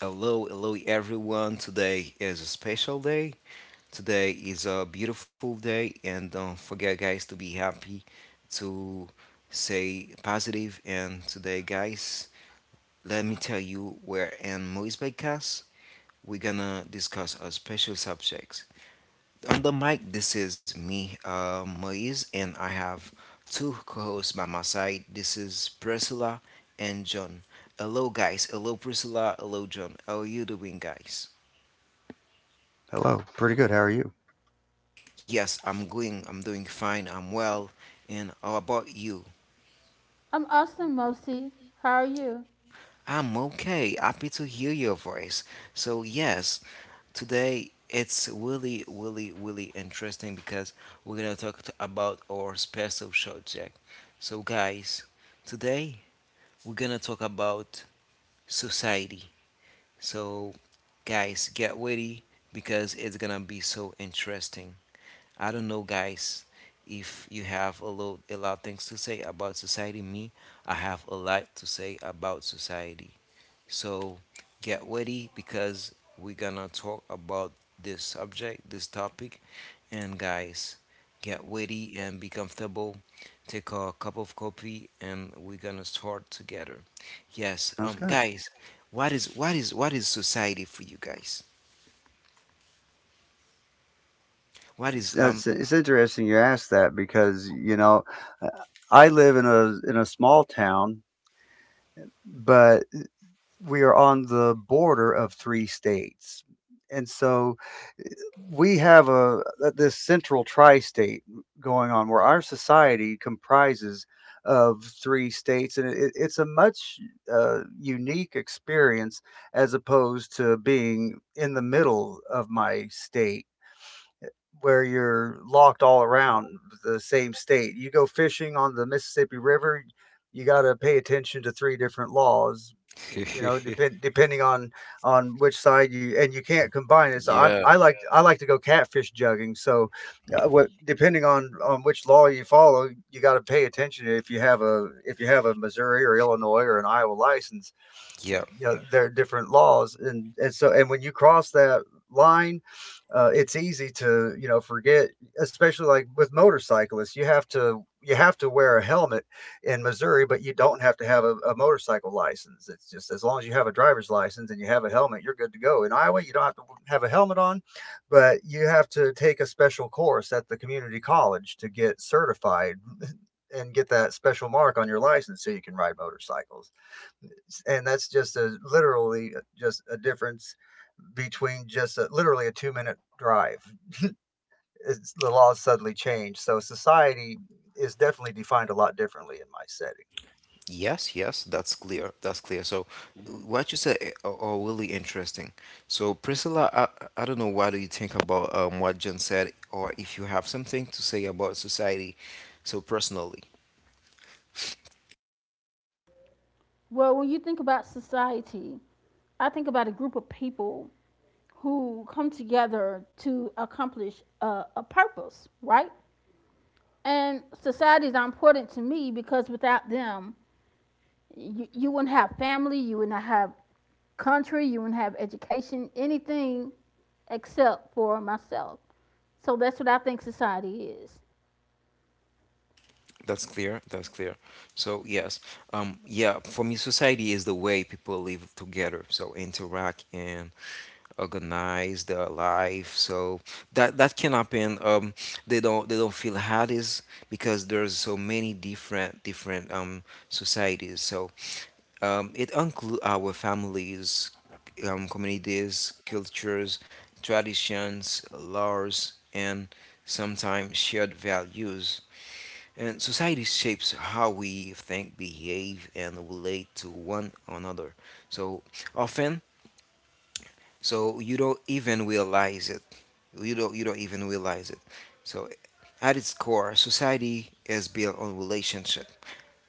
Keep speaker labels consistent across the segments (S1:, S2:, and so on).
S1: Hello, hello everyone. Today is a special day. Today is a beautiful day, and don't forget, guys, to be happy, to say positive. And today, guys, let me tell you, we're in Moise Podcast. We're gonna discuss a special subject. On the mic, this is me, Moise, and I have two co hosts by my side. This is Priscilla and John. Hello, guys. Hello, Priscilla. Hello, John. How are you doing, guys?
S2: Hello. Pretty good. How are you?
S1: Yes, I'm going. I'm doing fine. I'm well. And how about you?
S3: I'm Austin Mosi. How are you?
S1: I'm okay. Happy to hear your voice. So, yes, today it's really, really, really interesting because we're going to talk to, about our special subject. So, guys, today we're going to talk about society. So, guys, get ready because it's going to be so interesting. I don't know, guys, if you have a lot of things to say about society. Me, I have a lot to say about society. So get ready because we're gonna talk about this subject, this topic. And guys, get ready and be comfortable. Take a cup of coffee and we're gonna start together. Yes,
S2: That's good.
S1: guys, what is society for you guys? What is um?
S2: It's interesting you ask that because uh, I live in a small town, but we are on the border of three states, and so we have a this central tri-state going on where our society comprises of three states, and it's a much unique experience as opposed to being in the middle of my state where you're locked all around the same state. You go fishing on the Mississippi River, you got to pay attention to three different laws. You know, depending on which side you and you can't combine it. So I like to go catfish jugging. So, what depending on which law you follow, you got to pay attention if you have a if you have a Missouri or Illinois or an Iowa license. You
S1: Yeah.
S2: know, there are different laws, and so and when you cross that line, it's easy to you know forget, especially like with motorcyclists. You have to wear a helmet in Missouri, but you don't have to have a motorcycle license. It's just, as long as you have a driver's license and you have a helmet, you're good to go. In Iowa, you don't have to have a helmet on, but you have to take a special course at the community college to get certified and get that special mark on your license so you can ride motorcycles. And that's just a literally just a difference between literally a 2 minute drive. It's, the laws suddenly change, so society is definitely defined a lot differently in my setting.
S1: Yes, yes, that's clear. That's clear. So, what you said are really interesting. So, Priscilla, I don't know what do you think about what Jen said, or if you have something to say about society, so personally.
S3: Well, when you think about society, I think about a group of people who come together to accomplish a purpose, right? And societies are important to me because without them, you wouldn't have family, you wouldn't have country, you wouldn't have education, anything except for myself. So that's what I think society is.
S1: That's clear. That's clear. So yes, yeah. For me, society is the way people live together. So interact and organize their life. So that that can happen. They don't feel hard is because there's so many different societies. So it includes our families, communities, cultures, traditions, laws, and sometimes shared values. And society shapes how we think, behave, and relate to one another. So often, so you don't even realize it. You don't even realize it. So at its core, society is built on relationship.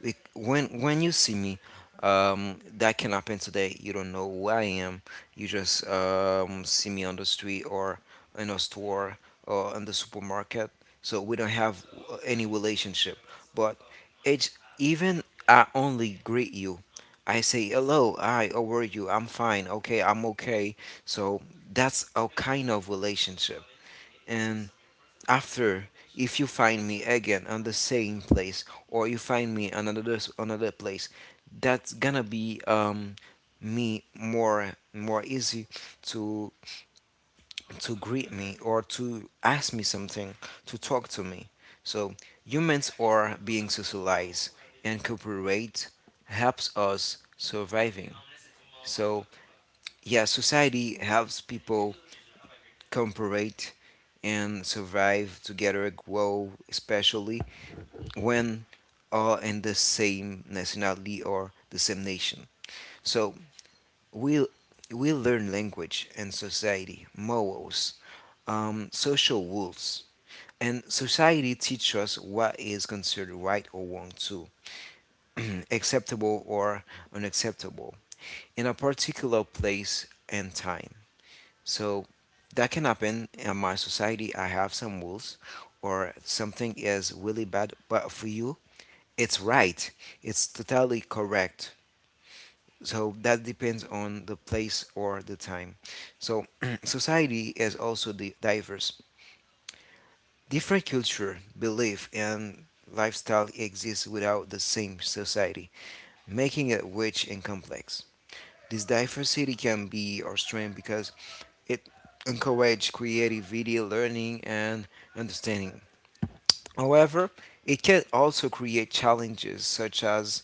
S1: Like, when you see me, that can happen today. You don't know who I am. You just see me on the street or in a store or in the supermarket. So we don't have any relationship. But it's even I only greet you. I say hello. Hi, how are you? I'm fine. Okay, I'm okay. So that's a kind of relationship. And after if you find me again on the same place or you find me on another another place, that's gonna be me more easy to to greet me or to ask me something, to talk to me. So humans are being socialized and cooperate helps us surviving. So yeah, society helps people cooperate and survive together grow, especially when are in the same nationality or the same nation. So we we learn language and society, morals, social rules, and society teaches us what is considered right or wrong too, acceptable or unacceptable in a particular place and time. So that can happen in my society. I have some rules or something is really bad, but for you it's right. It's totally correct. So that depends on the place or the time. So society is also diverse. Different culture, belief, and lifestyle exist without the same society, making it rich and complex. This diversity can be our strength because it encourages creativity, learning, and understanding. However, it can also create challenges such as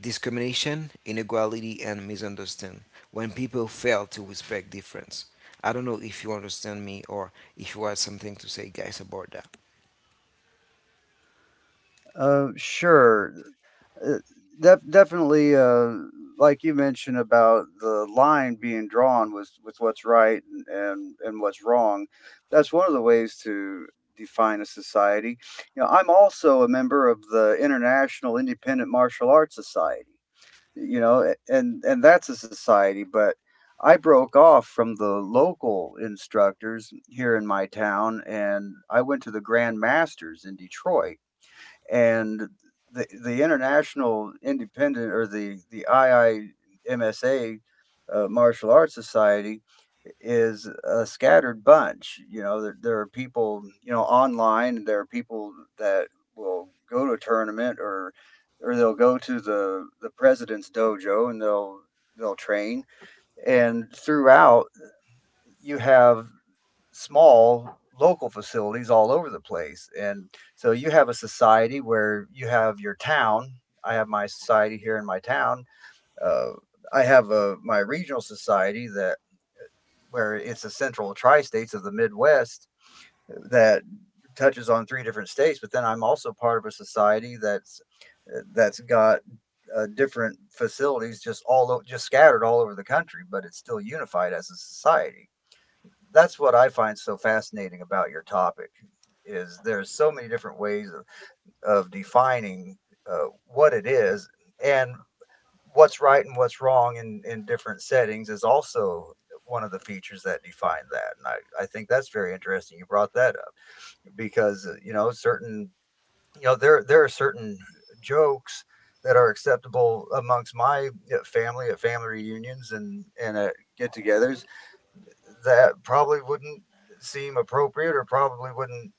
S1: discrimination, inequality, and misunderstanding when people fail to respect difference. I don't know if you understand me or if you have something to say, guys, about that.
S2: Uh, sure. Uh, Definitely, like you mentioned about the line being drawn with what's right and, and what's wrong. That's one of the ways to define a society. You know, I'm also a member of the International Independent Martial Arts Society. You know, and that's a society, but I broke off from the local instructors here in my town and I went to the Grand Masters in Detroit, and the International Independent, or the IIMSA Martial Arts Society, is a scattered bunch. You know, there are people you know online. There are people that will go to a tournament, or they'll go to the president's dojo, and they'll train. And throughout, you have small local facilities all over the place. And so you have a society where you have your town. I have my society here in my town. Uh, I have my regional society that where it's the central tri-states of the Midwest, that touches on three different states. But then I'm also part of a society that's got different facilities just just scattered all over the country, but it's still unified as a society. That's what I find so fascinating about your topic, is there's so many different ways of defining what it is and what's right and what's wrong in different settings is also one of the features that define that. And I think that's very interesting you brought that up, because you know certain there are certain jokes that are acceptable amongst my family at family reunions and at get-togethers, that probably wouldn't seem appropriate, or probably wouldn't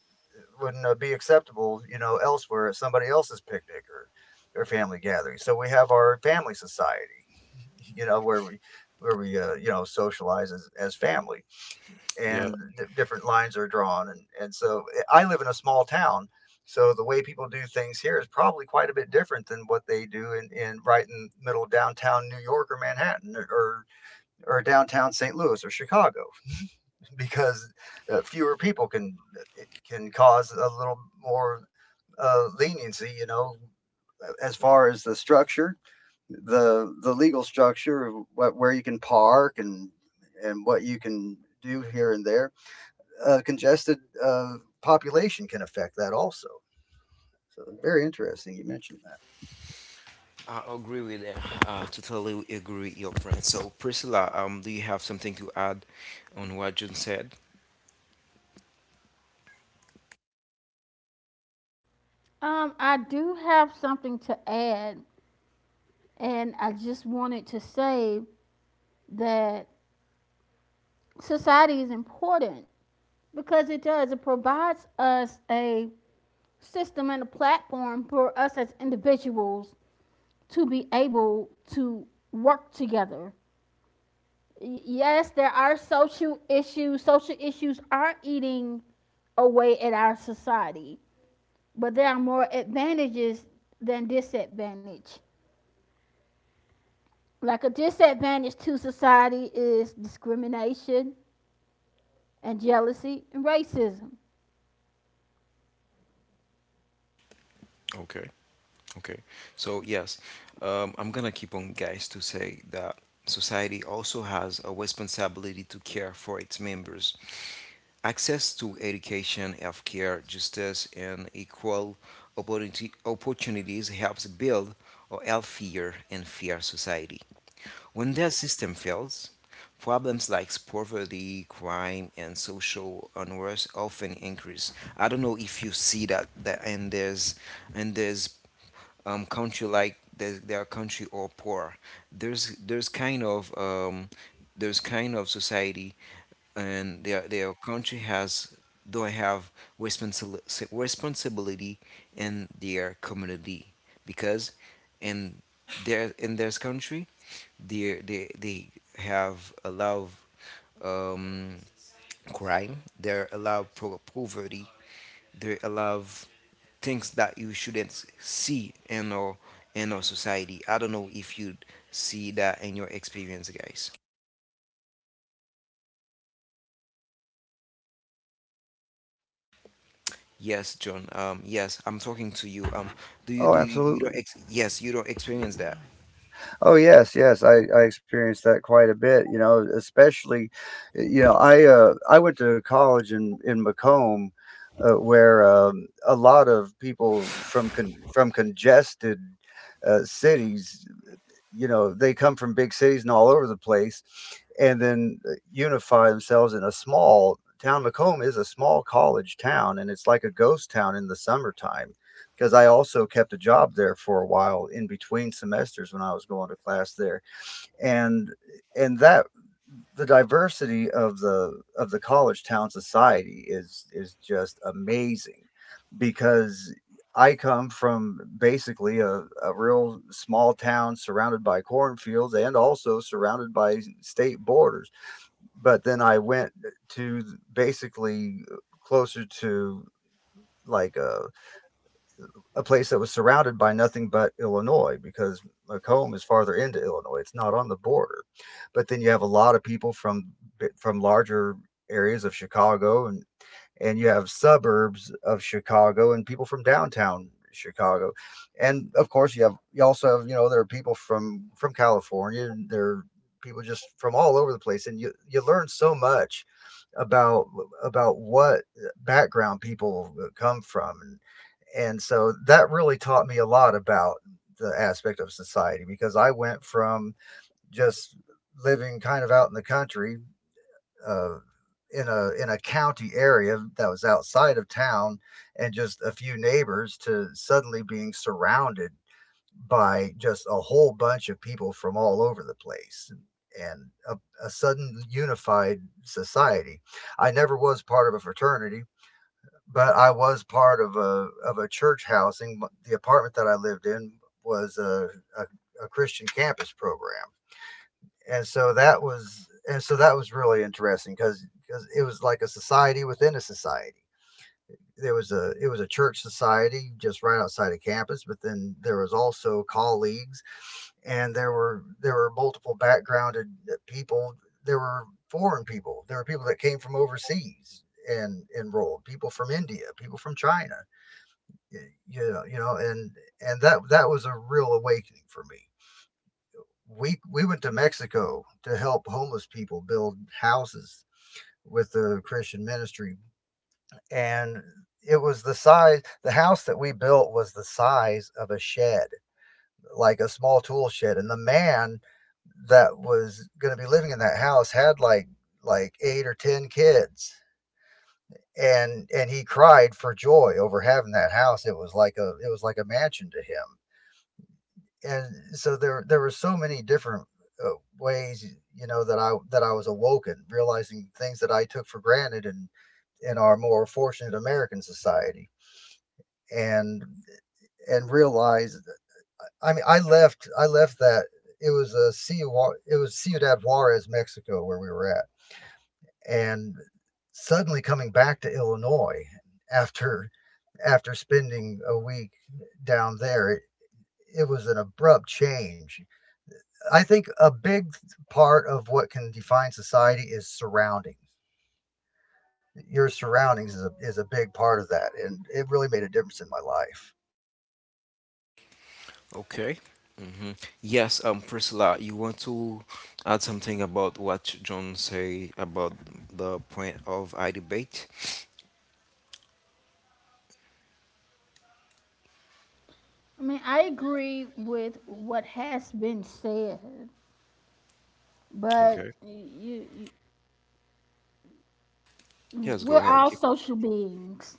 S2: wouldn't be acceptable, you know, elsewhere at somebody else's picnic or family gathering. So we have our family society, you know, where we you know socialize as, family, and different lines are drawn. And so I live in a small town, so the way people do things here is probably quite a bit different than what they do in right in middle of downtown New York or Manhattan or downtown St. Louis or Chicago, because fewer people can cause a little more leniency, you know, as far as the structure, the legal structure of what, where you can park and what you can do here and there. Congested uh, population can affect that also. So very interesting you mentioned that.
S1: I agree with that. I totally agree with your friend. So, Priscilla, do you have something to add on what June said?
S3: I do have something to add. And I just wanted to say that society is important because it does, it provides us a system and a platform for us as individuals to be able to work together. Yes, there are social issues. Social issues are eating away at our society, but there are more advantages than disadvantage. Like a disadvantage to society is discrimination, and jealousy and racism.
S1: Okay, okay. So, yes, I'm gonna keep on, guys, to say that society also has a responsibility to care for its members. Access to education, healthcare, justice, and opportunities helps build a healthier and fair society. When that system fails, problems like poverty, crime, and social unrest often increase. I don't know if you see that, that and there's country like there's, their country or poor. There's kind of society and their country has do have responsibility in their community because in their country they have a lot of um, crime, they allow poverty, they allow things that you shouldn't see in our society. I don't know if you see that in your experience, guys. Yes, John. Yes, I'm talking to you. Do you
S2: Oh,
S1: do you, you don't
S2: absolutely.
S1: ex yes, you don't experience that.
S2: Oh yes, yes, I experienced that quite a bit. You know, especially, you know, I went to college in Macomb, where a lot of people from from congested cities. You know, they come from big cities and all over the place, and then unify themselves in a small town. Macomb is a small college town, and it's like a ghost town in the summertime, because I also kept a job there for a while in between semesters when I was going to class there. And that the diversity of the college town society is just amazing, because I come from basically a real small town surrounded by cornfields and also surrounded by state borders. But then I went to basically closer to like a place that was surrounded by nothing but Illinois, because Macomb is farther into Illinois. It's not on the border. But then you have a lot of people from larger areas of Chicago, and you have suburbs of Chicago and people from downtown Chicago. And of course you have you also have, you know, there are people from California, and there are people just from all over the place. And you learn so much about what background people come from. And so that really taught me a lot about the aspect of society, because I went from just living kind of out in the country, uh, in a county area that was outside of town and just a few neighbors, to suddenly being surrounded by just a whole bunch of people from all over the place and a sudden unified society. I never was part of a fraternity, but I was part of a church housing. The apartment that I lived in was a, a Christian campus program, and so that was really interesting, because it was like a society within a society. There was a it was a church society just right outside of campus, but then there was also colleagues, and there were multiple backgrounded people. There were foreign people. There were people that came from overseas and enrolled. People from India. People from China. y- you know, and that that was a real awakening for me. We went to Mexico to help homeless people build houses with the Christian ministry, and it was the size. The house that we built was the size of a shed, like a small tool shed, and the man that was going to be living in that house had like eight or ten kids. And he cried for joy over having that house. It was like a mansion to him. And so there were so many different uh, ways, you know, that I was awoken realizing things that I took for granted in our more fortunate American society. And realized, I mean, I left that. It was a Ciudad, it was Ciudad Juarez Mexico where we were at. And suddenly coming back to Illinois after spending a week down there, it was an abrupt change. I think a big part of what can define society is surroundings. Your surroundings is is a big part of that, and it really made a difference in my life.
S1: Okay. Hmm. Yes, Priscilla, you want to add something about what John say about the point of I debate?
S3: I mean, I agree with what has been said, but
S1: Okay. Yes, go
S3: we're
S1: ahead.
S3: all
S1: Keep.
S3: social beings,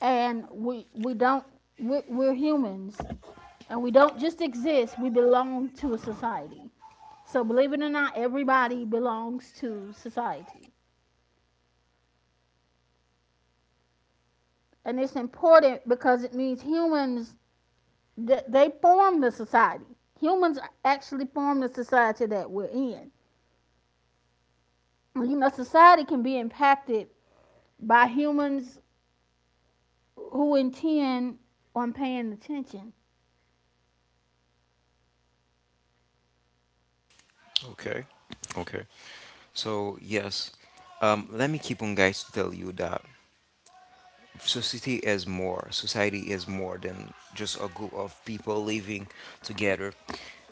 S3: and we don't we're humans, and we don't just exist. We belong to a society. So believe it or not, everybody belongs to society, and it's important because it means humans they form the society. Humans actually form the society that we're in. Well, you know, society can be impacted by humans who intend on paying attention.
S1: Okay. Okay. So, yes, let me keep on, guys, to tell you that society is more than just a group of people living together.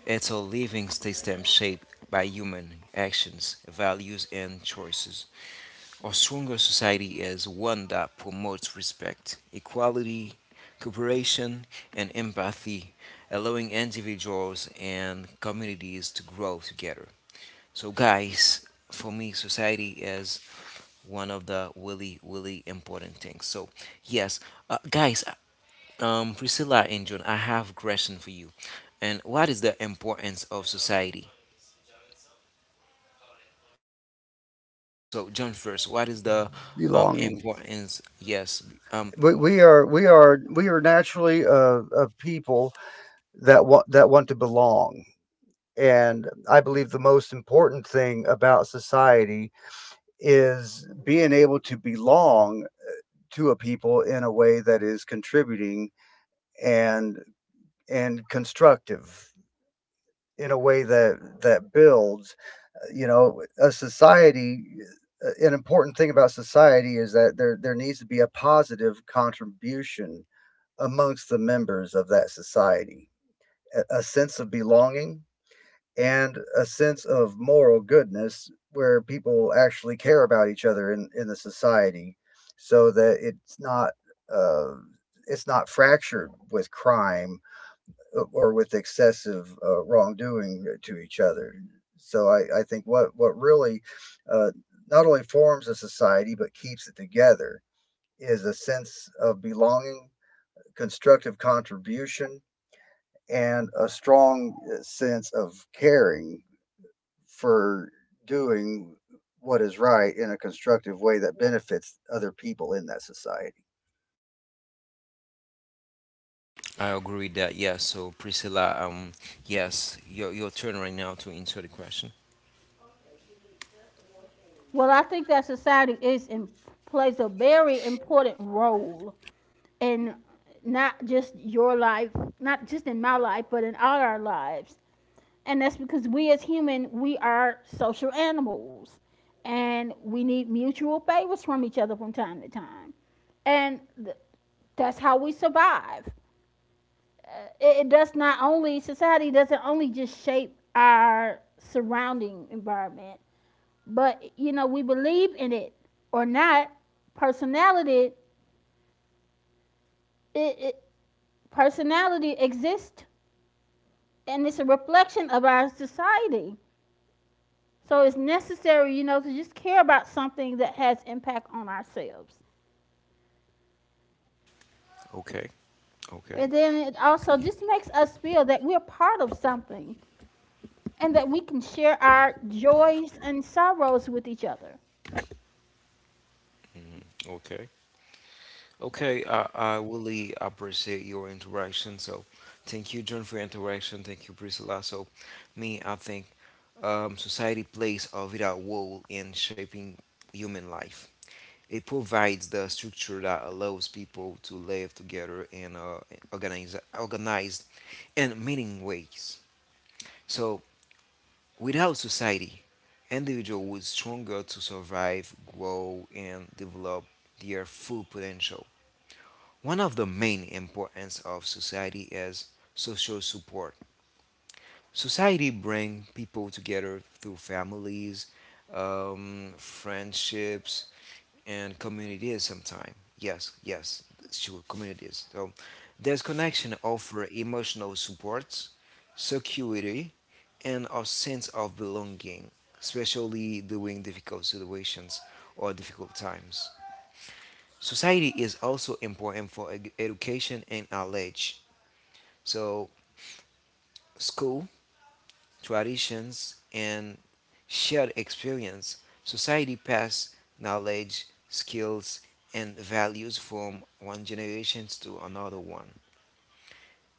S1: It's a living system shaped by human actions, values, and choices. A stronger society is one that promotes respect, equality, cooperation, and empathy, allowing individuals and communities to grow together. So, guys, for me, society is one of the really, really important things. So, yes, guys, Priscilla and John, I have question for you. And what is the importance of society? So, John, first, what is the
S2: Belonging.
S1: importance? Yes, um,
S2: We are we are we are naturally a people that want to belong, and I believe the most important thing about society is being able to belong to a people in a way that is contributing and constructive, in a way that builds you know a society. An important thing about society is that there needs to be a positive contribution amongst the members of that society, a sense of belonging and a sense of moral goodness where people actually care about each other in the society, so that uh, it's not fractured with crime or with excessive wrongdoing to each other. So I think what really uh, not only forms a society but keeps it together is a sense of belonging, constructive contribution, and a strong sense of caring for doing what is right in a constructive way that benefits other people in that society.
S1: I agree with that. Yes. So, Priscilla, yes, your turn right now to answer the question.
S3: Well, I think that plays a very important role in not just your life, not just in my life, but in all our lives. And that's because we as human, we are social animals and we need mutual favors from each other from time to time. And that's how we survive. It does not only society doesn't only just shape our surrounding environment, but you know, we believe in it or not, personality, it personality exists, and it's a reflection of our society. So it's necessary, you know, to just care about something that has impact on ourselves.
S1: Okay. Okay.
S3: And then it also just makes us feel that we're part of something and that we can share our joys and sorrows with each other.
S1: Okay. Okay. I really appreciate your interaction. So, thank you, John, for your interaction. Thank you, Priscilla. So, me, I think society plays a vital role in shaping human life. It provides the structure that allows people to live together in organized and meaning ways. So, without society, individual would stronger to survive, grow, and develop their full potential. One of the main importance of society is social support. Society brings people together through families, friendships, and communities sometime. Yes, yes, sure, communities. So this connection offer emotional support, security, and a sense of belonging, especially during difficult situations or difficult times. Society is also important for education and knowledge. So school, traditions, and shared experience, society passes knowledge, skills, and values from one generation to another one.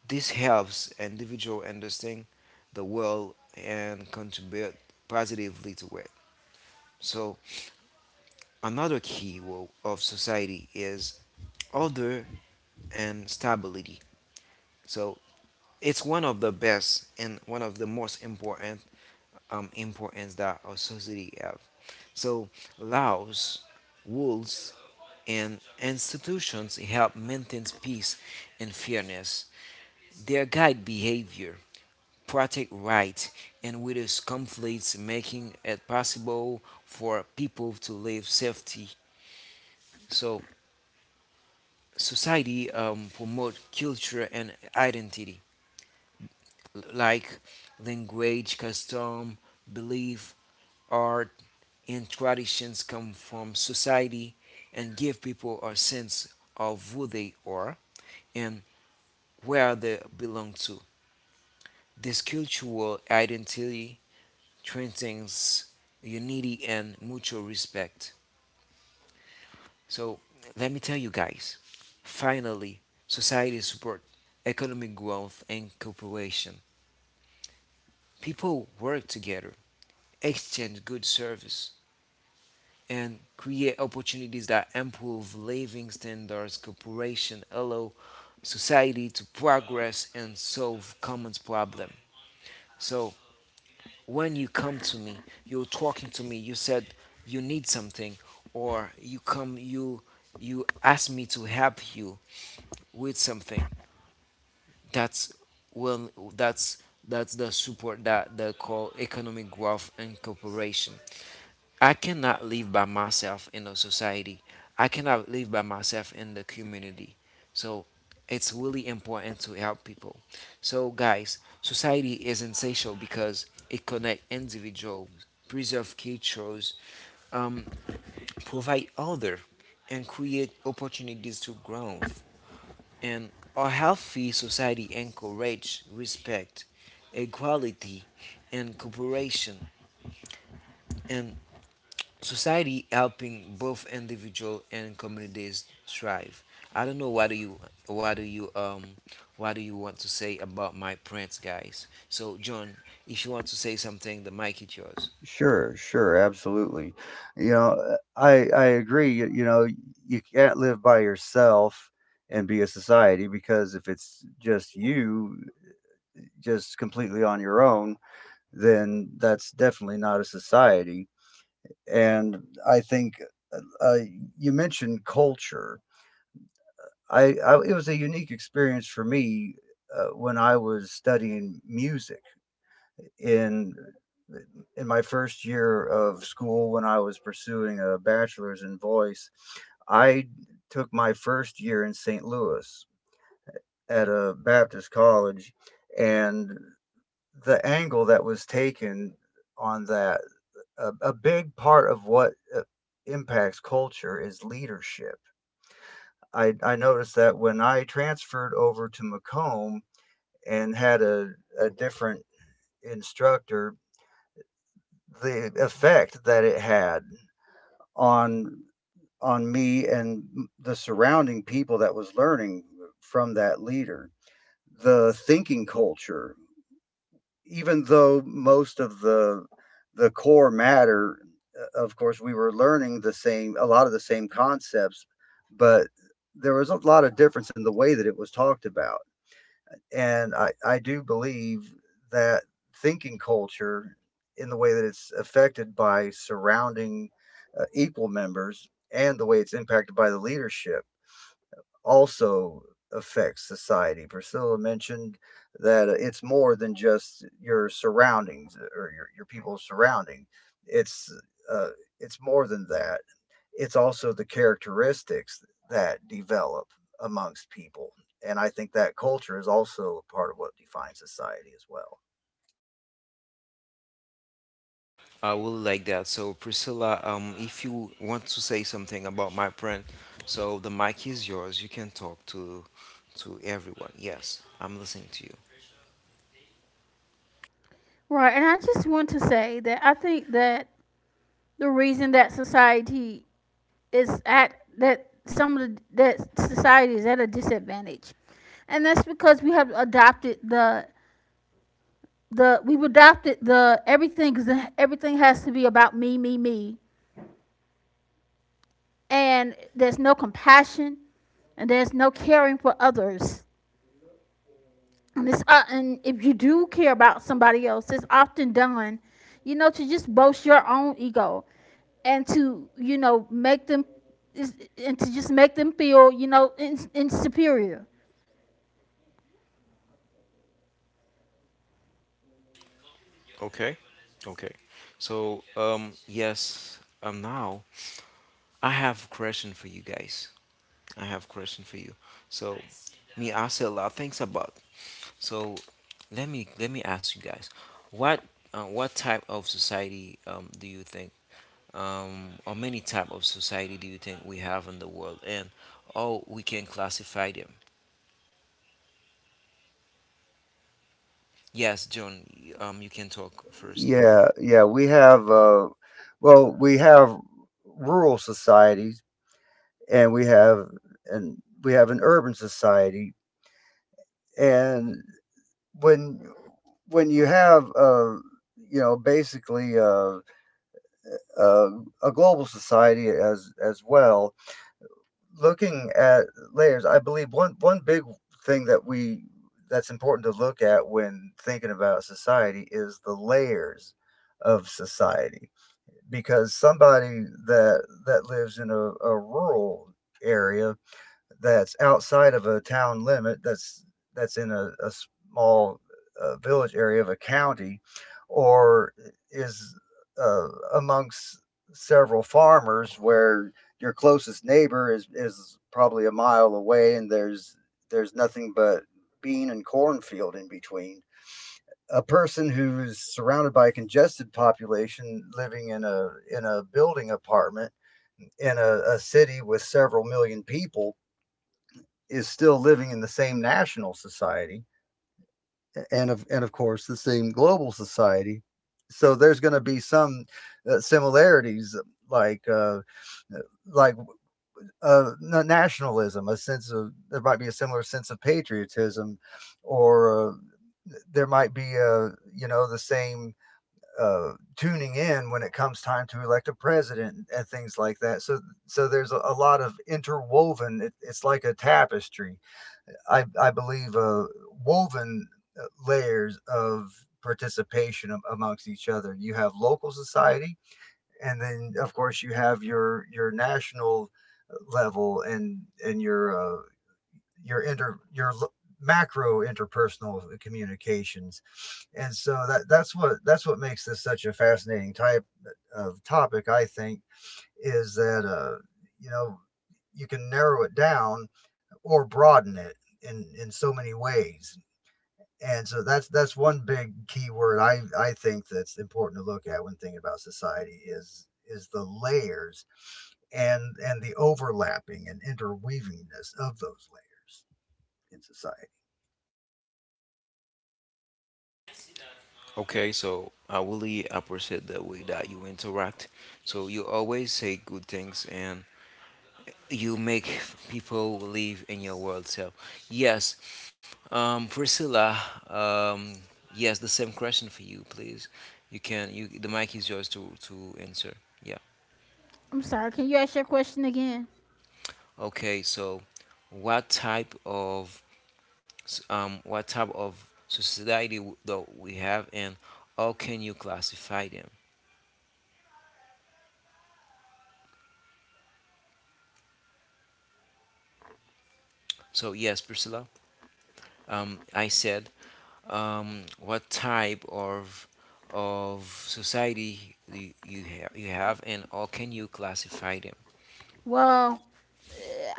S1: This helps individuals understand the world and contribute positively to it. So another key of society is order and stability. So it's one of the best and one of the most important importance that our society have. So laws, rules, and institutions help maintain peace and fairness. They guide behavior, protect rights, and reduce conflicts, making it possible for people to live safety. So society promote culture and identity, like language, custom, belief, art, and traditions come from society and give people a sense of who they are and where they belong to. This cultural identity strengthens unity and mutual respect. So, let me tell you guys finally, society support economic growth and cooperation. People work together, exchange good service, and create opportunities that improve living standards, cooperation, allow society to progress and solve common problem. So when you come to me, you're talking to me, you said you need something or you come you you ask me to help you with something. That's well that's that's the support that they call economic growth and cooperation. I cannot live by myself in the society. I cannot live by myself in the community. So it's really important to help people. So guys, society is essential because it connects individuals, preserve cultures, um, provide order, and create opportunities to growth. And a healthy society encourage respect, equality, and cooperation. And society helping both individual and communities thrive. I don't know what do you what do you what do you want to say about my prints, guys. So John, if you want to say something, the mic is yours.
S2: Sure, sure, absolutely. You know, I I agree. You know you can't live by yourself and be a society because if it's just you, just completely on your own, then that's definitely not a society. And I think uh, uh, you mentioned culture. I, it was a unique experience for me when I was studying music. in in my first year of school when I was pursuing a bachelor's in voice, I took my first year in St. Louis at a Baptist college, and the angle that was taken on that, a big part of what impacts culture is leadership. I noticed that when I transferred over to Macomb and had a different instructor, the effect that it had on on me and the surrounding people that was learning from that leader, the thinking culture, even though most of the core matter, of course we were learning the same, a lot of the same concepts, but there was a lot of difference in the way that it was talked about. And I do believe that thinking culture, in the way that it's affected by surrounding equal members and the way it's impacted by the leadership, also affects society. Priscilla mentioned that it's more than just your surroundings, or your people's surrounding. It's uh, it's more than that. It's also the characteristics that develop amongst people. And I think that culture is also a part of what defines society as well.
S1: I will like that. So Priscilla, if you want to say something about my print, so the mic is yours. You can talk to everyone. Yes, I'm listening to you.
S3: Right, and I just want to say that I think that the reason that society is at that some of the, that society is at a disadvantage, and that's because we've adopted the everything, because everything has to be about me, me, me, and there's no compassion, and there's no caring for others. And it's, and if you do care about somebody else, it's often done, you know, to just boast your own ego and to, you know, make them, and to just make them feel, you know, in superior.
S1: Okay? Okay. So yes, now I have a question for you guys. I have question for you. So, me, I see a lot of things about. So, let me ask you guys, what what type of society do you think, or many type of society do you think we have in the world, and how we can classify them? Yes, John, you can talk first.
S2: Yeah, yeah, we have well, we have rural societies and and we have an urban society, and when when you have you know basically uh, a global society as well. Looking at layers, I believe one big thing that we that's important to look at when thinking about society is the layers of society, because somebody that lives in a rural area that's outside of a town limit, that's in a small village area of a county, or is uh, amongst several farmers where your closest neighbor is probably a mile away, and there's nothing but bean and cornfield in between. A person who's surrounded by a congested population living in a building apartment in a city with several million people is still living in the same national society, and of course the same global society, so there's going to be some similarities, like like uh, nationalism, a sense of, there might be a similar sense of patriotism, or there might be a, you know, the same tuning in when it comes time to elect a president and things like that. So there's a lot of interwoven, it's like a tapestry, I believe, woven layers of participation amongst each other. You have local society, and then of course you have your national level, and your inter your l- macro interpersonal communications. And so that's what makes this such a fascinating type of topic, I think, is that you know, you can narrow it down or broaden it in so many ways. And so that's one big key word I think that's important to look at when thinking about society is the layers and the overlapping and interweavingness of those layers in society.
S1: Okay, so I really appreciate the way that you interact. So you always say good things, and you make people live in your world. So, yes, Priscilla, um, yes, the same question for you, please. You can, you the mic is yours to answer. Yeah.
S3: I'm sorry, can you ask your question again?
S1: Okay. So, what type of what type of society that we have, and how can you classify them? So, yes, Priscilla. I said, what type of society do you have, and how can you classify them?
S3: Well,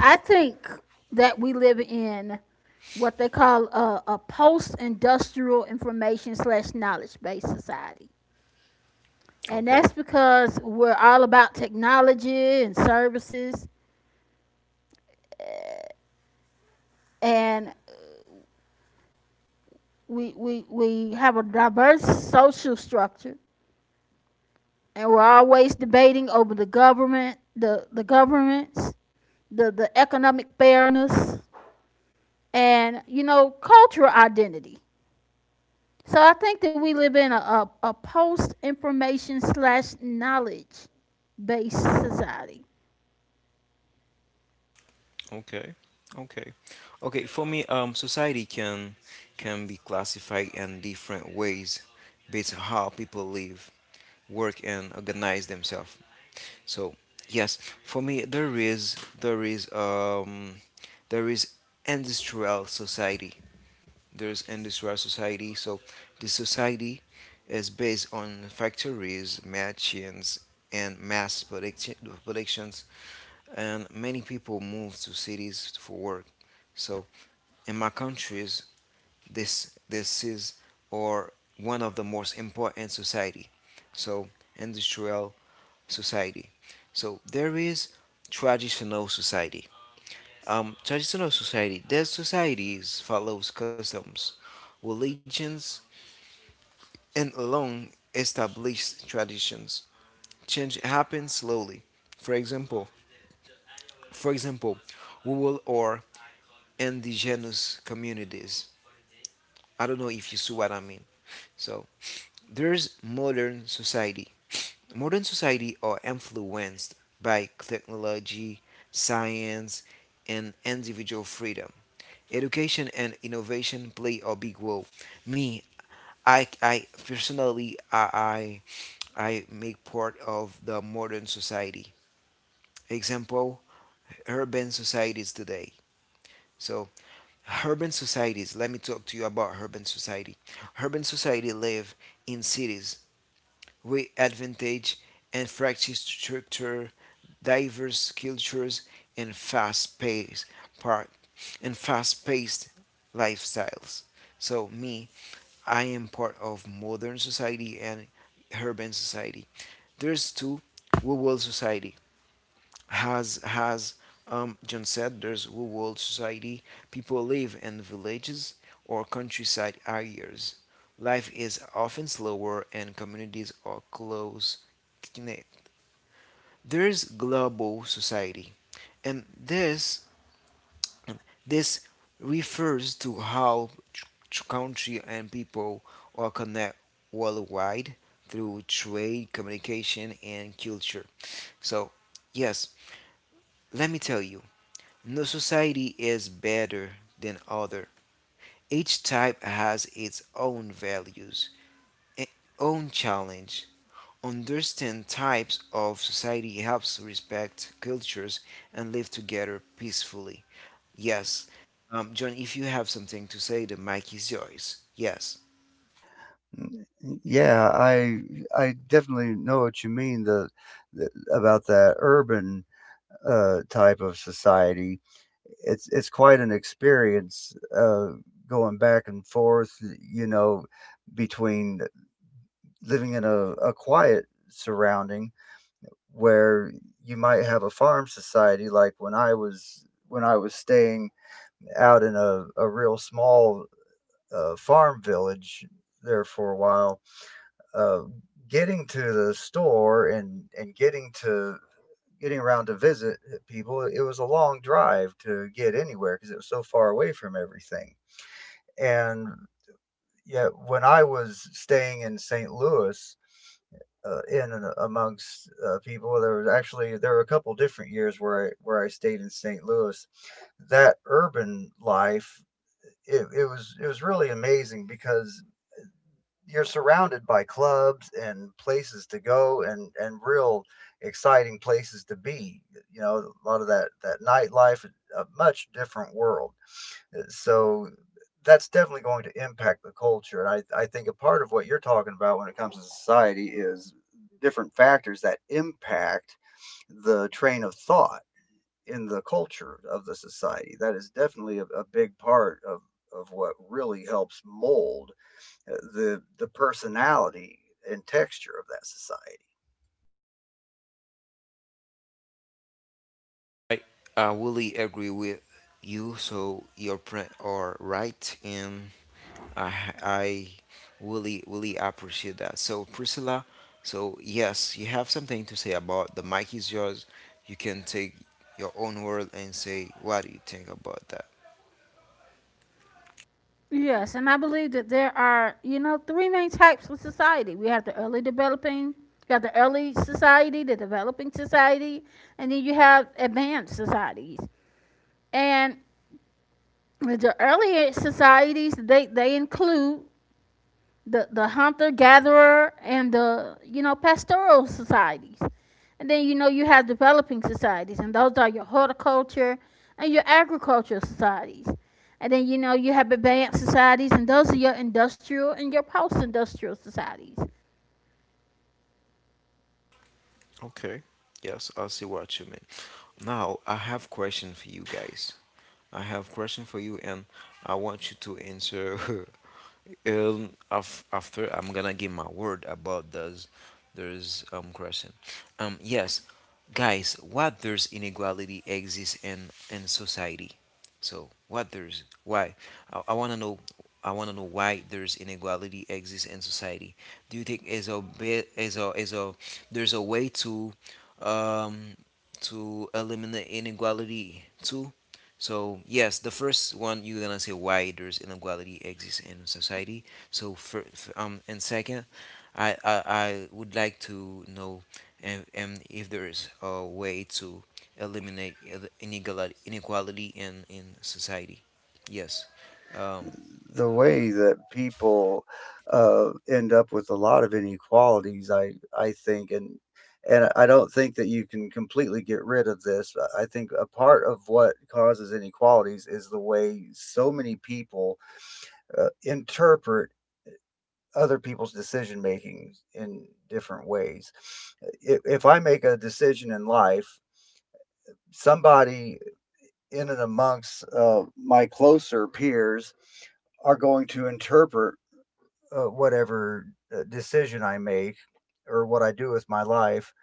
S3: I think that we live in what they call a post-industrial information slash knowledge-based society. And
S1: Okay.
S3: that's because we're all about technology and services. And we have a diverse social structure, and we're always debating over the governments, the economic fairness, and you know, cultural identity. So I think that we live in a post information slash knowledge based society.
S1: Okay. Okay. Okay, for me, society can be classified in different ways based on how people live, work, and organize themselves. So yes, for me, there is industrial society. There's industrial society. So the society is based on factories, machines, and mass productions. And many people move to cities for work. So in my countries, this is or one of the most important society. So industrial society. So there is traditional society. Traditional society. Their societies follows customs, religions, and long established traditions. Change happens slowly. For example, for example, rural or indigenous communities. I don't know if you see what I mean. So there's modern society. Modern society are influenced by technology, science, and individual freedom. Education and innovation play a big role. Me, I personally, I make part of the modern society. Example, urban societies today. So, urban societies, let me talk to you about urban society. Urban society live in cities with advantage and fractured structure, diverse cultures, and fast-paced part and fast-paced lifestyles. So me, I am part of modern society and urban society. There's two, we will society. As John said, there's rural world society. People live in villages or countryside areas. Life is often slower, and communities are close. Knit. There's global society, and this refers to how country and people are connect worldwide through trade, communication, and culture. So, yes, let me tell you, no society is better than other. Each type has its own values, its own challenge. Understand types of society helps respect cultures and live together peacefully. Yes. John, if you have something to say, the mic is yours. Yes.
S2: Mm, yeah, I definitely know what you mean, the about that urban type of society. It's quite an experience, going back and forth, you know, between living in a quiet surrounding where you might have a farm society, like when I was staying out in a real small farm village there for a while. uh, Getting to the store, and getting around to visit people, it was a long drive to get anywhere because it was so far away from everything. And yet, when I was staying in St. Louis, in and amongst people, there was actually there were a couple different years where I stayed in St. Louis. That urban life, it was really amazing because you're surrounded by clubs and places to go, and real exciting places to be, you know, a lot of that nightlife, a much different world. So that's definitely going to impact the culture, and I think a part of what you're talking about when it comes to society is different factors that impact the train of thought in the culture of the society. That is definitely a big part of what really helps mold the personality and texture of that society.
S1: I, I really agree with you, so your are right in I I really really appreciate that. So Priscilla, so yes, you have something to say about the mic is yours. You can take your own word and say what do you think about that.
S3: Yes, and I believe that there are, you know, three main types of society. We have you have the early society, the developing society, and then you have advanced societies. And with the earlier societies, they include the hunter gatherer and the, you know, pastoral societies. And then, you know, you have developing societies, and those are your horticulture and your agricultural societies. And then, you know, you have advanced societies, and those are your industrial and your post-industrial societies.
S1: Okay. Yes, I see what you mean. Now I have question for you guys. I have question for you and I want you to answer After I'm gonna give my word about those question. Yes, guys, what there's inequality exists in society. So what there's why? I wanna know. I wanna know why there's inequality exists in society. Do you think is a there's a way um to eliminate inequality too? So yes, the first one you're gonna say why there's inequality exists in society. So and second, I would like to know and if there is a way to eliminate inequality in society. Yes. Um,
S2: The way that people end up with a lot of inequalities, I think, and I don't think that you can completely get rid of this. I think a part of what causes inequalities is the way so many people interpret other people's decision making in different ways. If I make a decision in life, somebody in and amongst my closer peers are going to interpret whatever decision I make or what I do with my life.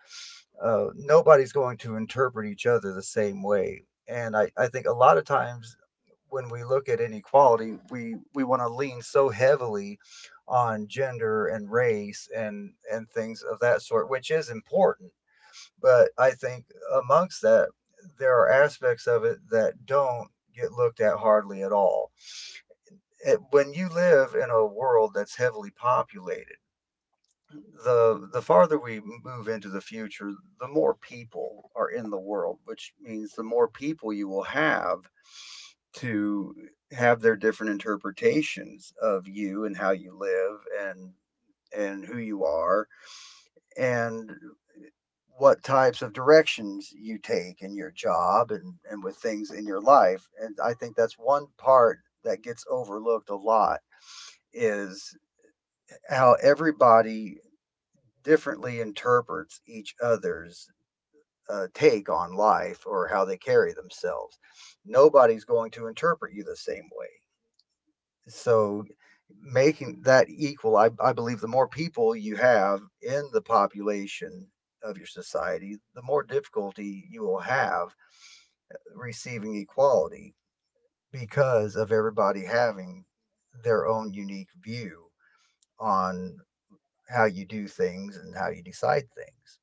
S2: Nobody's going to interpret each other the same way. And I think a lot of times, when we look at inequality, we want to lean so heavily on gender and race, and things of that sort, which is important. But I think amongst that, there are aspects of it that don't get looked at hardly at all. It, when you live in a world that's heavily populated, the farther we move into the future, the more people are in the world, which means the more people you will have to have their different interpretations of you and how you live and who you are. And what types of directions you take in your job, and with things in your life. And I think that's one part that gets overlooked a lot, is how everybody differently interprets each other's take on life or how they carry themselves. Nobody's going to interpret you the same way. So making that equal, I believe the more people you have in the population of your society, the more difficulty you will have receiving equality, because of everybody having their own unique view on how you do things and how you decide things.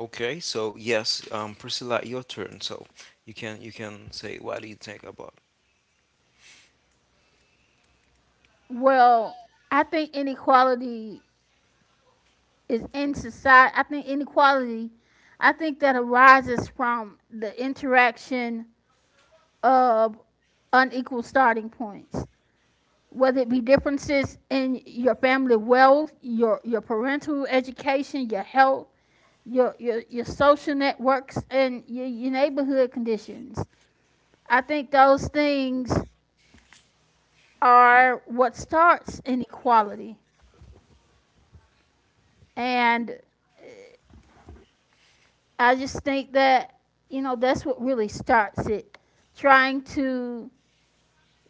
S1: okay. So yes, Priscilla, your turn. So you can say what do you think about?
S3: Well, I think inequality, I think that arises from the interaction of unequal starting points, whether it be differences in your family wealth, your parental education, your health, your social networks, and your neighborhood conditions. I think those things are what starts inequality. And I just think that, you know, that's what really starts it. Trying to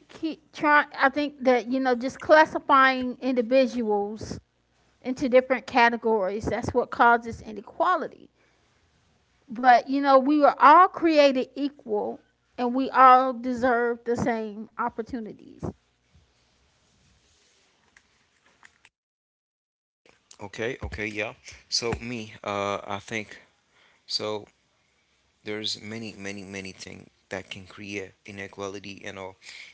S3: keep, try, I think that, you know, just classifying individuals into different categories, that's what causes inequality. But, you know, we were all created equal and we all deserve the same opportunities.
S1: Okay. Okay. Yeah. So me, I think so. There's many, many, many things that can create inequality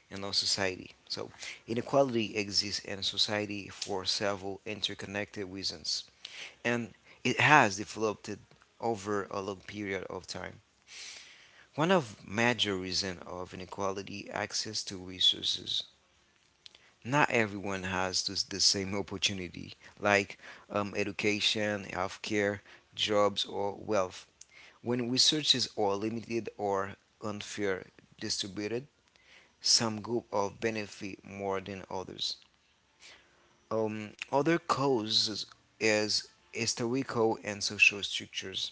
S1: in our society. So inequality exists in society for several interconnected reasons, and it has developed over a long period of time. One of major reasons of inequality access to resources. Not everyone has the same opportunity, like education, healthcare, jobs, or wealth. When resources are limited or unfair distributed, some groups of benefit more than others. Other causes is historical and social structures.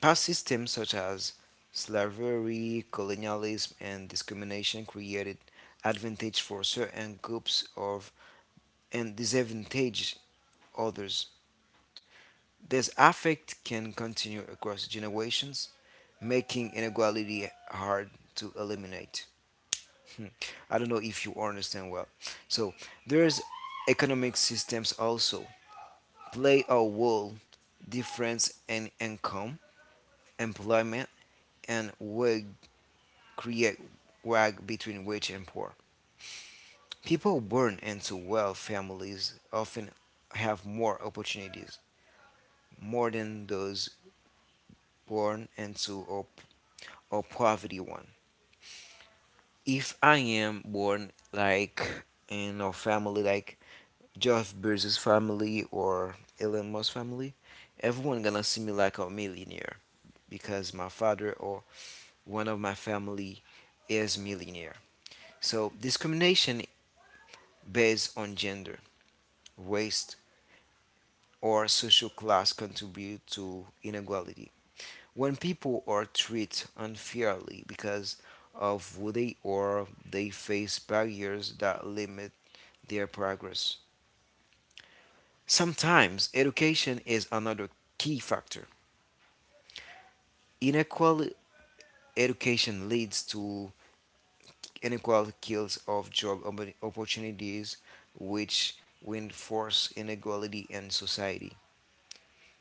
S1: Past systems such as slavery, colonialism, and discrimination created advantage for certain groups of and disadvantage others. This effect can continue across generations, making inequality hard to eliminate. Hmm. I don't know if you understand well. So there's economic systems also play a role. Difference in income, employment, and wage create wag between rich and poor. People born into wealth families often have more opportunities more than those born into a poverty one. If I am born like in a family like Jeff Bezos family or Elon Musk family, everyone gonna see me like a millionaire because my father or one of my family is millionaire. So discrimination based on gender, race, or social class contribute to inequality. When people are treated unfairly because of who they are, they face barriers that limit their progress. Sometimes education is another key factor. Unequal education leads to unequal skills of job opportunities, which reinforce inequality in society.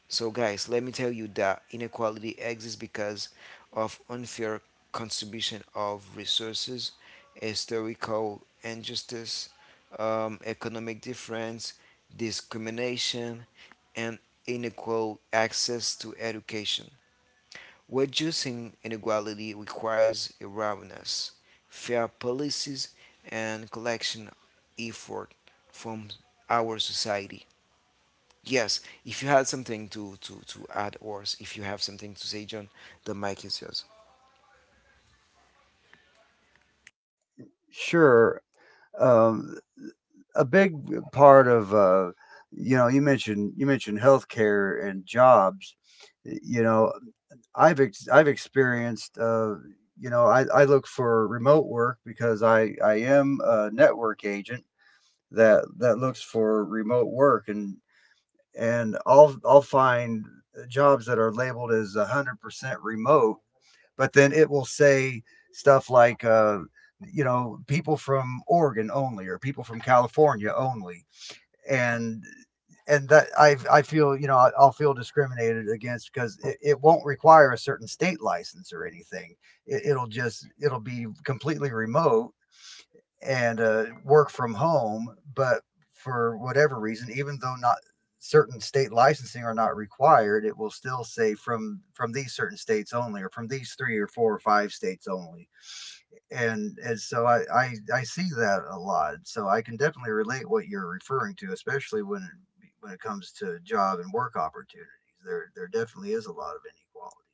S1: So, guys, let me tell you that inequality exists because of unfair contribution of resources, historical injustice, economic difference, discrimination, and unequal access to education. Reducing inequality requires awareness, fair policies, and collection effort from our society. Yes, if you had something to add, or s- if you have something to say, John, the mic is yours.
S2: Sure. Um, a big part of, you know, you mentioned healthcare and jobs. You know, I've experienced. You know, I look for remote work because I am a network agent that looks for remote work, and I'll find jobs that are labeled as 100% remote, but then it will say stuff like, you know, people from Oregon only or people from California only. And that, I feel, you know, I'll feel discriminated against, because it won't require a certain state license or anything. It'll just it'll be completely remote, and work from home. But for whatever reason, even though not certain state licensing are not required, it will still say from these certain states only, or from these three or four or five states only. And I see that a lot. So I can definitely relate what you're referring to, especially when when it comes to job and work opportunities. There definitely is a lot of inequality.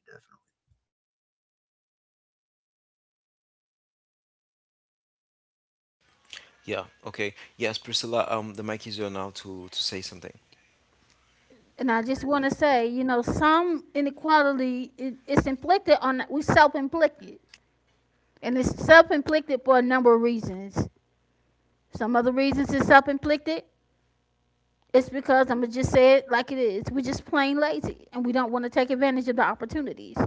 S1: Yeah, okay. Yes, Priscilla, the mic is yours now to say something.
S3: And I just want to say, you know, some inequality it, it's inflicted on we self-inflicted, and it's self-inflicted for a number of reasons. Some of the reasons it's self-inflicted, it's because I'm gonna just say it like it is. We're just plain lazy, and we don't want to take advantage of the opportunities.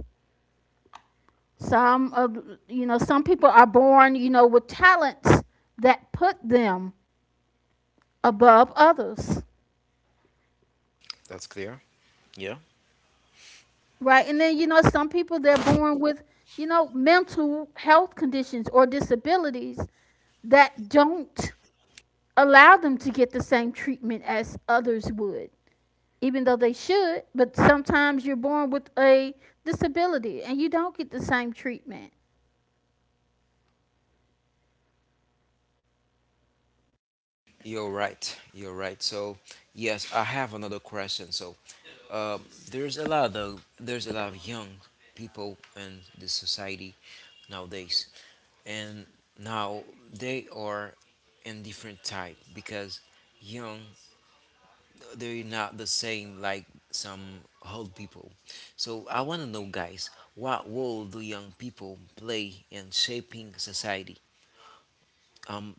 S3: Some of, you know, some people are born, you know, with talents that put them above others,
S1: That's clear? Yeah?
S3: right? And then, you know, some people they're born with, you know, mental health conditions or disabilities that don't allow them to get the same treatment as others would, even though they should. But sometimes you're born with a disability and you don't get the same treatment.
S1: You're right. You're right. So, yes, I have another question. So, um, there's a lot of young people in the society nowadays, and now they are in different type because young they're not the same like some old people. So I want to know, guys, what role do young people play in shaping society? Um,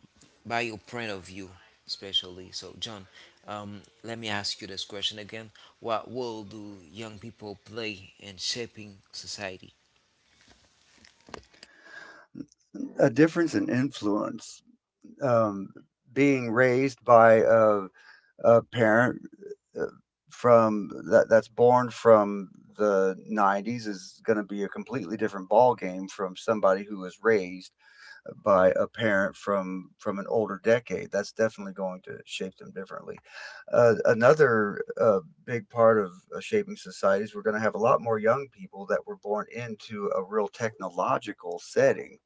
S1: by your point of view, especially. So, John, let me ask you this question again. What role do young people play in shaping society?
S2: Definitely a difference in influence, um, being raised by a parent uh, from that's born from the 90s is going to be a completely different ball game from somebody who was raised by a parent from an older decade. That's definitely going to shape them differently. Another big part of shaping societies, we're going to have a lot more young people that were born into a real technological setting.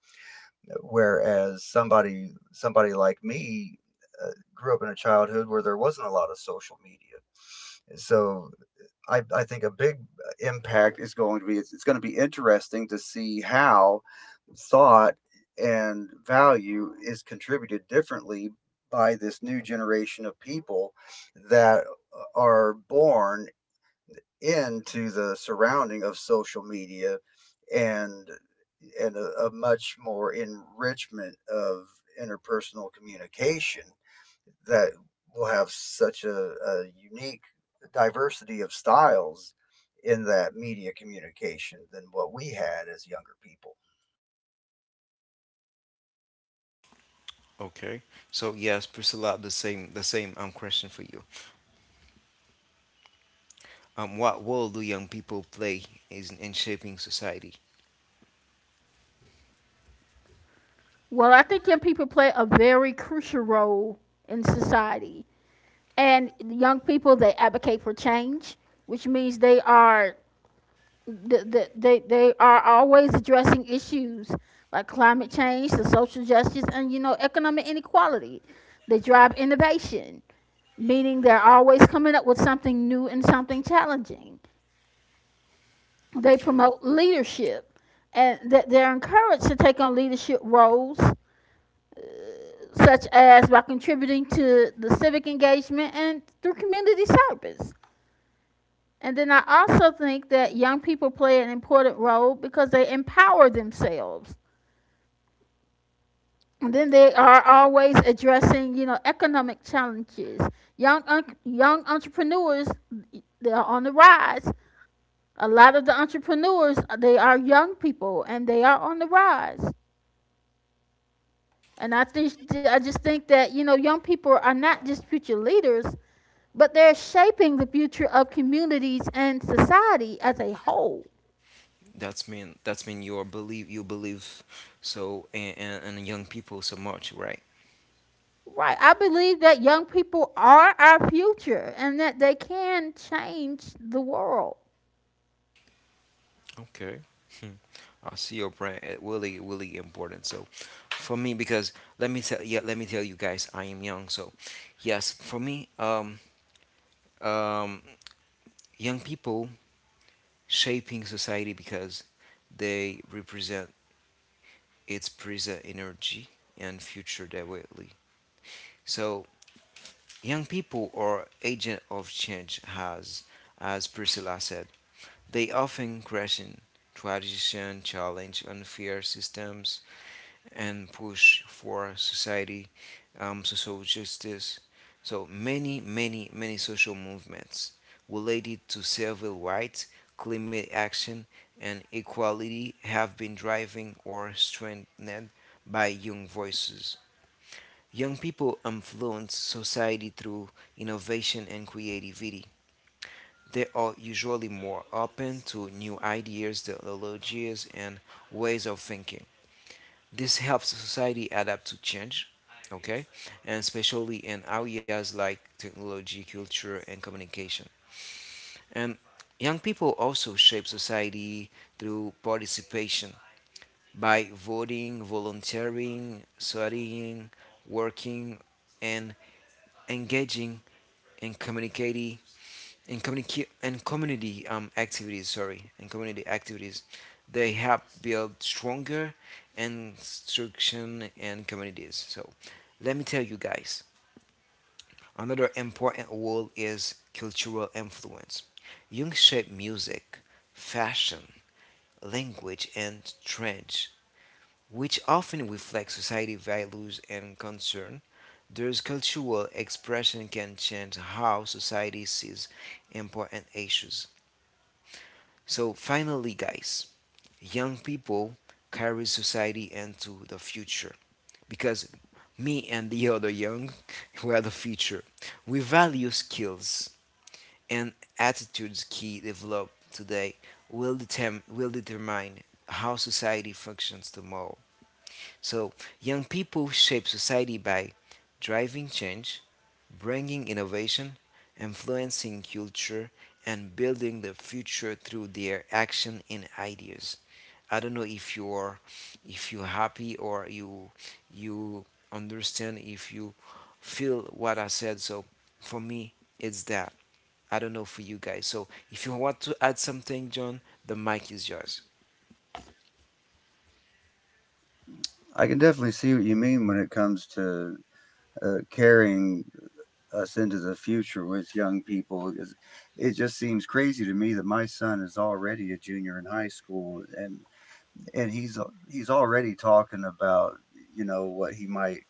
S2: Whereas somebody like me, grew up in a childhood where there wasn't a lot of social media. So I think a big impact is going to be, it's going to be interesting to see how thought and value is contributed differently by this new generation of people that are born into the surrounding of social media, and a much more enrichment of interpersonal communication that will have such a unique diversity of styles in that media communication than what we had as younger people.
S1: Okay. So yes, Priscilla, the same question for you. What role do young people play is in shaping society?
S3: Well, I think young people play a very crucial role in society, and young people, they advocate for change, which means they are always addressing issues like climate change, the social justice, and you know, economic inequality. They drive innovation, meaning they're always coming up with something new and something challenging. They promote leadership, and that they're encouraged to take on leadership roles, such as by contributing to the civic engagement and through community service. And then I also think that young people play an important role because they empower themselves. And then they are always addressing, you know, economic challenges. Young entrepreneurs, they are on the rise. A lot of the entrepreneurs, they are young people, and they are on the rise. And I just think that, you know, young people are not just future leaders, but they're shaping the future of communities and society as a whole.
S1: That's mean you believe so and young people so much, right?
S3: Right. I believe that young people are our future and that they can change the world.
S1: Okay. Hmm. I see your brand. It really, really important. So, for me, because let me tell you guys, I am young. So, yes, for me, um, young people shaping society because they represent its present energy and future directly. So, young people are agent of change. Has as Priscilla said, they often question, tradition, challenge unfair systems and push for society, social justice. So many, many, many social movements related to civil rights, climate action, and equality have been driving or strengthened by young voices. Young people influence society through innovation and creativity. They are usually more open to new ideas, technologies, and ways of thinking. This helps society adapt to change, okay, and especially in areas like technology, culture, and communication. And young people also shape society through participation by voting, volunteering, studying, working, and engaging in community activities sorry and community activities they help build stronger instruction and communities. So let me tell you guys another important role is cultural influence. Young shape music, fashion, language and trends which often reflect society values and concern. There's cultural expression can change how society sees important issues. So finally, guys, young people carry society into the future because me and the other young we are the future. We value skills and attitudes key developed today will determine how society functions tomorrow. So young people shape society by driving change, bringing innovation, influencing culture, and building the future through their action and ideas. I don't know if you're happy or you understand if you feel what I said. So for me, it's that. I don't know for you guys. So if you want to add something, John, the mic is yours.
S2: I can definitely see what you mean when it comes to carrying us into the future with young people. It just seems crazy to me that my son is already a junior in high school, and and he's he's already talking about, you know, what he might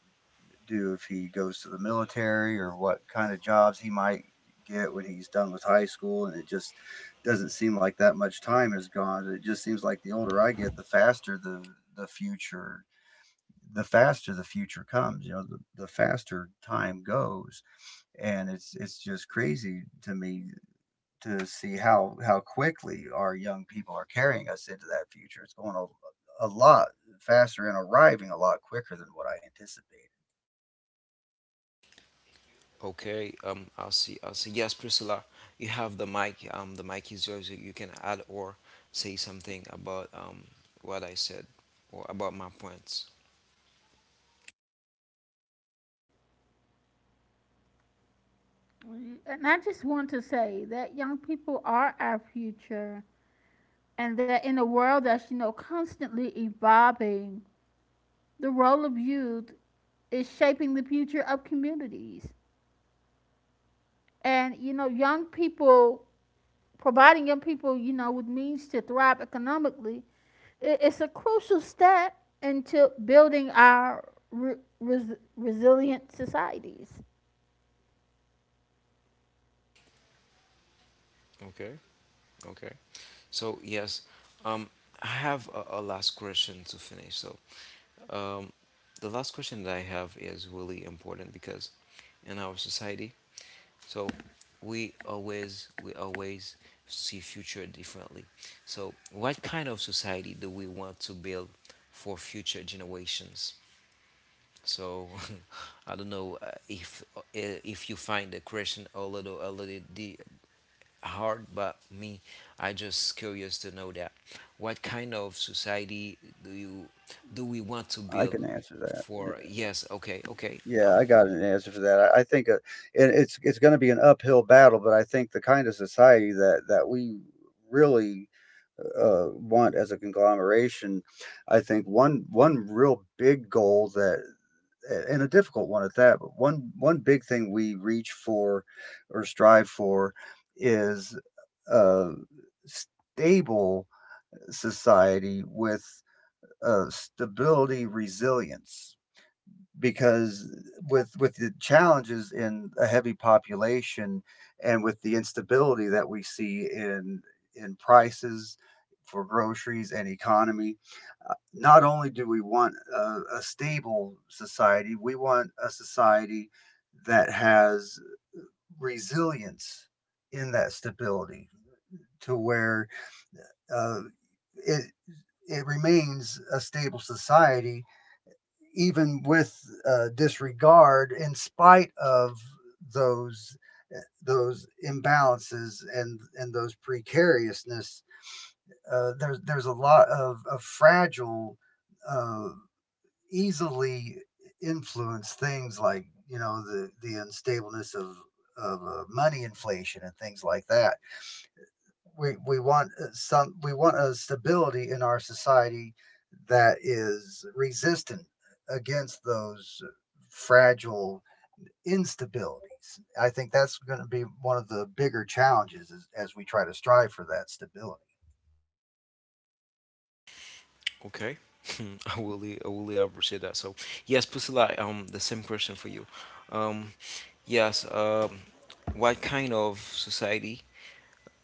S2: do if he goes to the military, or what kind of jobs he might get when he's done with high school. And it just doesn't seem like that much time has gone. It just seems like the older I get, the faster the faster the future comes. You know, the faster time goes. And it's just crazy to me to see how quickly our young people are carrying us into that future. It's going a lot faster and arriving a lot quicker than what I anticipated.
S1: Okay. I'll see. Yes, Priscilla, you have the mic. The mic is yours. You can add or say something about what I said or about my points.
S3: And I just want to say that young people are our future, and that in a world that's, you know, constantly evolving, the role of youth is shaping the future of communities. And you know, young people, you know, with means to thrive economically, it's a crucial step into building our resilient societies.
S1: Okay. Okay. So yes, um, I have a last question to finish. So um, the last question that I have is really important because in our society, so we always see future differently. So what kind of society do we want to build for future generations? So I don't know if you find the question a little di- hard, but me, I just curious to know that. What kind of society do you do we want to
S2: I
S1: build
S2: can answer that.
S1: for? Yes, okay, okay,
S2: Yeah, I got an answer for that. I think it's going to be an uphill battle, but I think the kind of society that we really want as a conglomeration. I think one real big goal that, and a difficult one at that, but one big thing we reach for or strive for is a stable society with stability, resilience. Because with the challenges in a heavy population, and with the instability that we see in prices for groceries and economy, not only do we want a stable society, we want a society that has resilience in that stability, to where uh, it remains a stable society, even with disregard, in spite of those those imbalances and those precariousness. There's a lot of, fragile, uh, easily influenced things, like, you know, the unstableness of money inflation and things like that. We want a stability in our society that is resistant against those fragile instabilities. I think that's going to be one of the bigger challenges, as we try to strive for that stability.
S1: okay. I really appreciate that. So, yes, Priscilla, the same question for you. Um, yes, what kind of society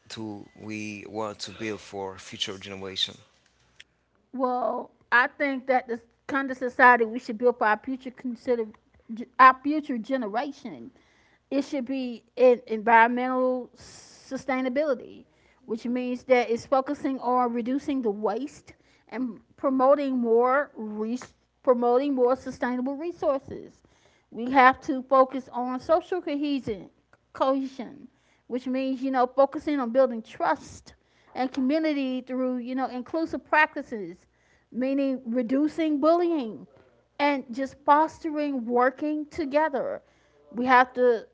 S1: do we want to build for future generation?
S3: Well, I think that the kind of society we should build for our future consider our future generation, it should be in environmental sustainability, which means that it's focusing on reducing the waste and promoting more promoting more sustainable resources. We have to focus on social cohesion, which means, you know, focusing on building trust and community through, you know, inclusive practices, meaning reducing bullying and just fostering working together. We have to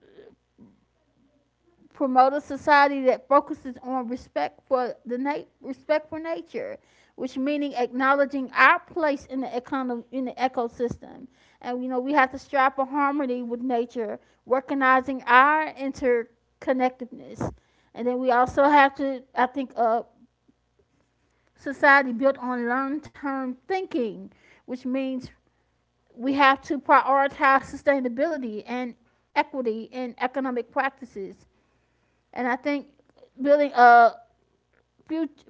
S3: promote a society that focuses on respect for respect for nature, which meaning acknowledging our place in the in the ecosystem. And you know, we have to strive for harmony with nature, recognizing our interconnectedness. And then we also have to, I think, society built on long-term thinking, which means we have to prioritize sustainability and equity in economic practices. And I think building a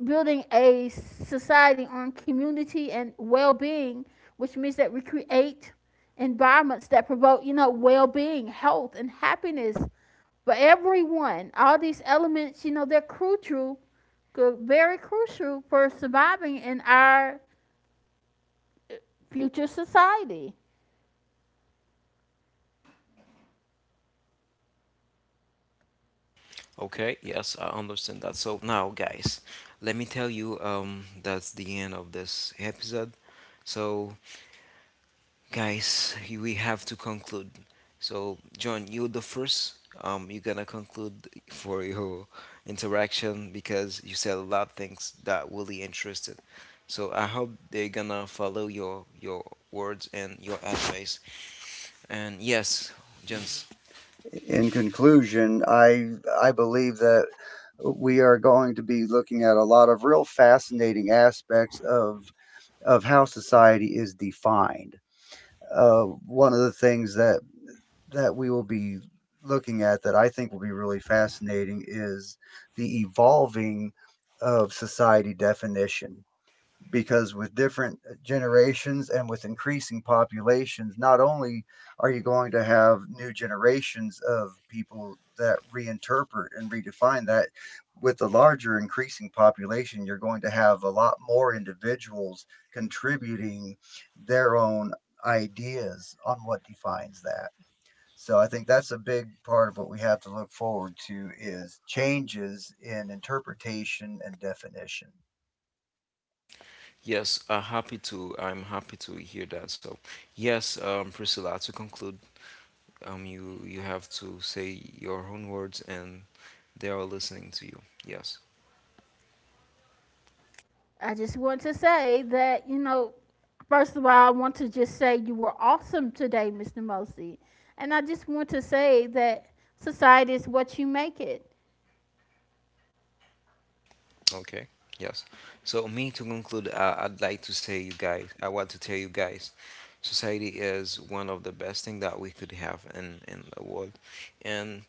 S3: building a society on community and well-being, which means that we create environments that promote, you know, well-being, health, and happiness for everyone. All these elements, you know, they're crucial, very crucial for surviving in our future society.
S1: Okay, yes, I understand that. So now, guys, let me tell you, that's the end of this episode. So, guys, you- we have to conclude. So, John, you're the first. You're gonna conclude for your interaction because you said a lot of things that really interested. So I hope they're gonna follow your words and your advice. And yes, gents,
S2: In conclusion, I believe that we are going to be looking at a lot of real fascinating aspects of how society is defined. One of the things that we will be looking at that I think will be really fascinating is the evolving of society definition. Because with different generations and with increasing populations, not only are you going to have new generations of people that reinterpret and redefine that, with the larger increasing population, you're going to have a lot more individuals contributing their own ideas on what defines that. So I think that's a big part of what we have to look forward to is changes in interpretation and definition.
S1: yes, happy to. I'm happy to hear that. So, yes, Priscilla, to conclude, you have to say your own words, and they are listening to you. Yes.
S3: I just want to say that, you know, first of all, I want to just say you were awesome today, Mr. Mosey. And I just want to say that society is what you make it.
S1: Okay. Yes. So, me to conclude, I'd like to say, you guys, I want to tell you guys, society is one of the best thing that we could have in the world, and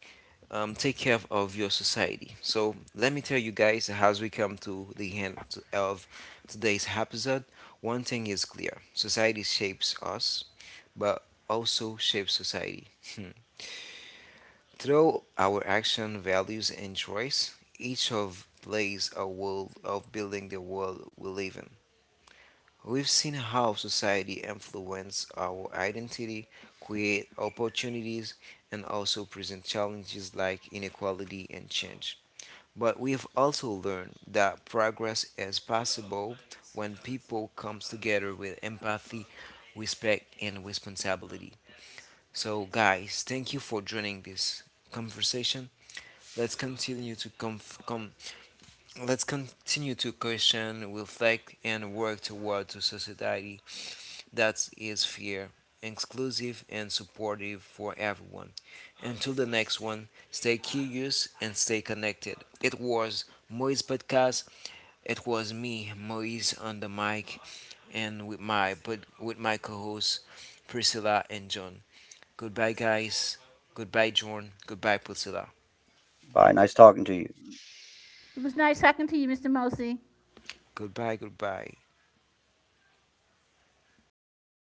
S1: take care of, your society. So let me tell you guys, as we come to the end of today's episode, one thing is clear: society shapes us, but also shapes society. Hmm. Through our action, values, and choice, each of plays a role of building the world we live in. We've seen how society influences our identity, create opportunities, and also present challenges like inequality and change. But we've also learned that progress is possible when people comes together with empathy, respect, and responsibility. So, guys, thank you for joining this conversation. Let's continue to let's continue to question, reflect, and work towards a society that is fair, inclusive, and supportive for everyone. Until the next one, stay curious and stay connected. It was Moise Podcast. It was me, Moise, on the mic, and with my co-hosts Priscilla and John. Goodbye, guys. Goodbye, John. Goodbye, Priscilla.
S2: Bye. Nice talking to you.
S3: It was nice talking to you, Mr. Mosey.
S1: Goodbye, goodbye.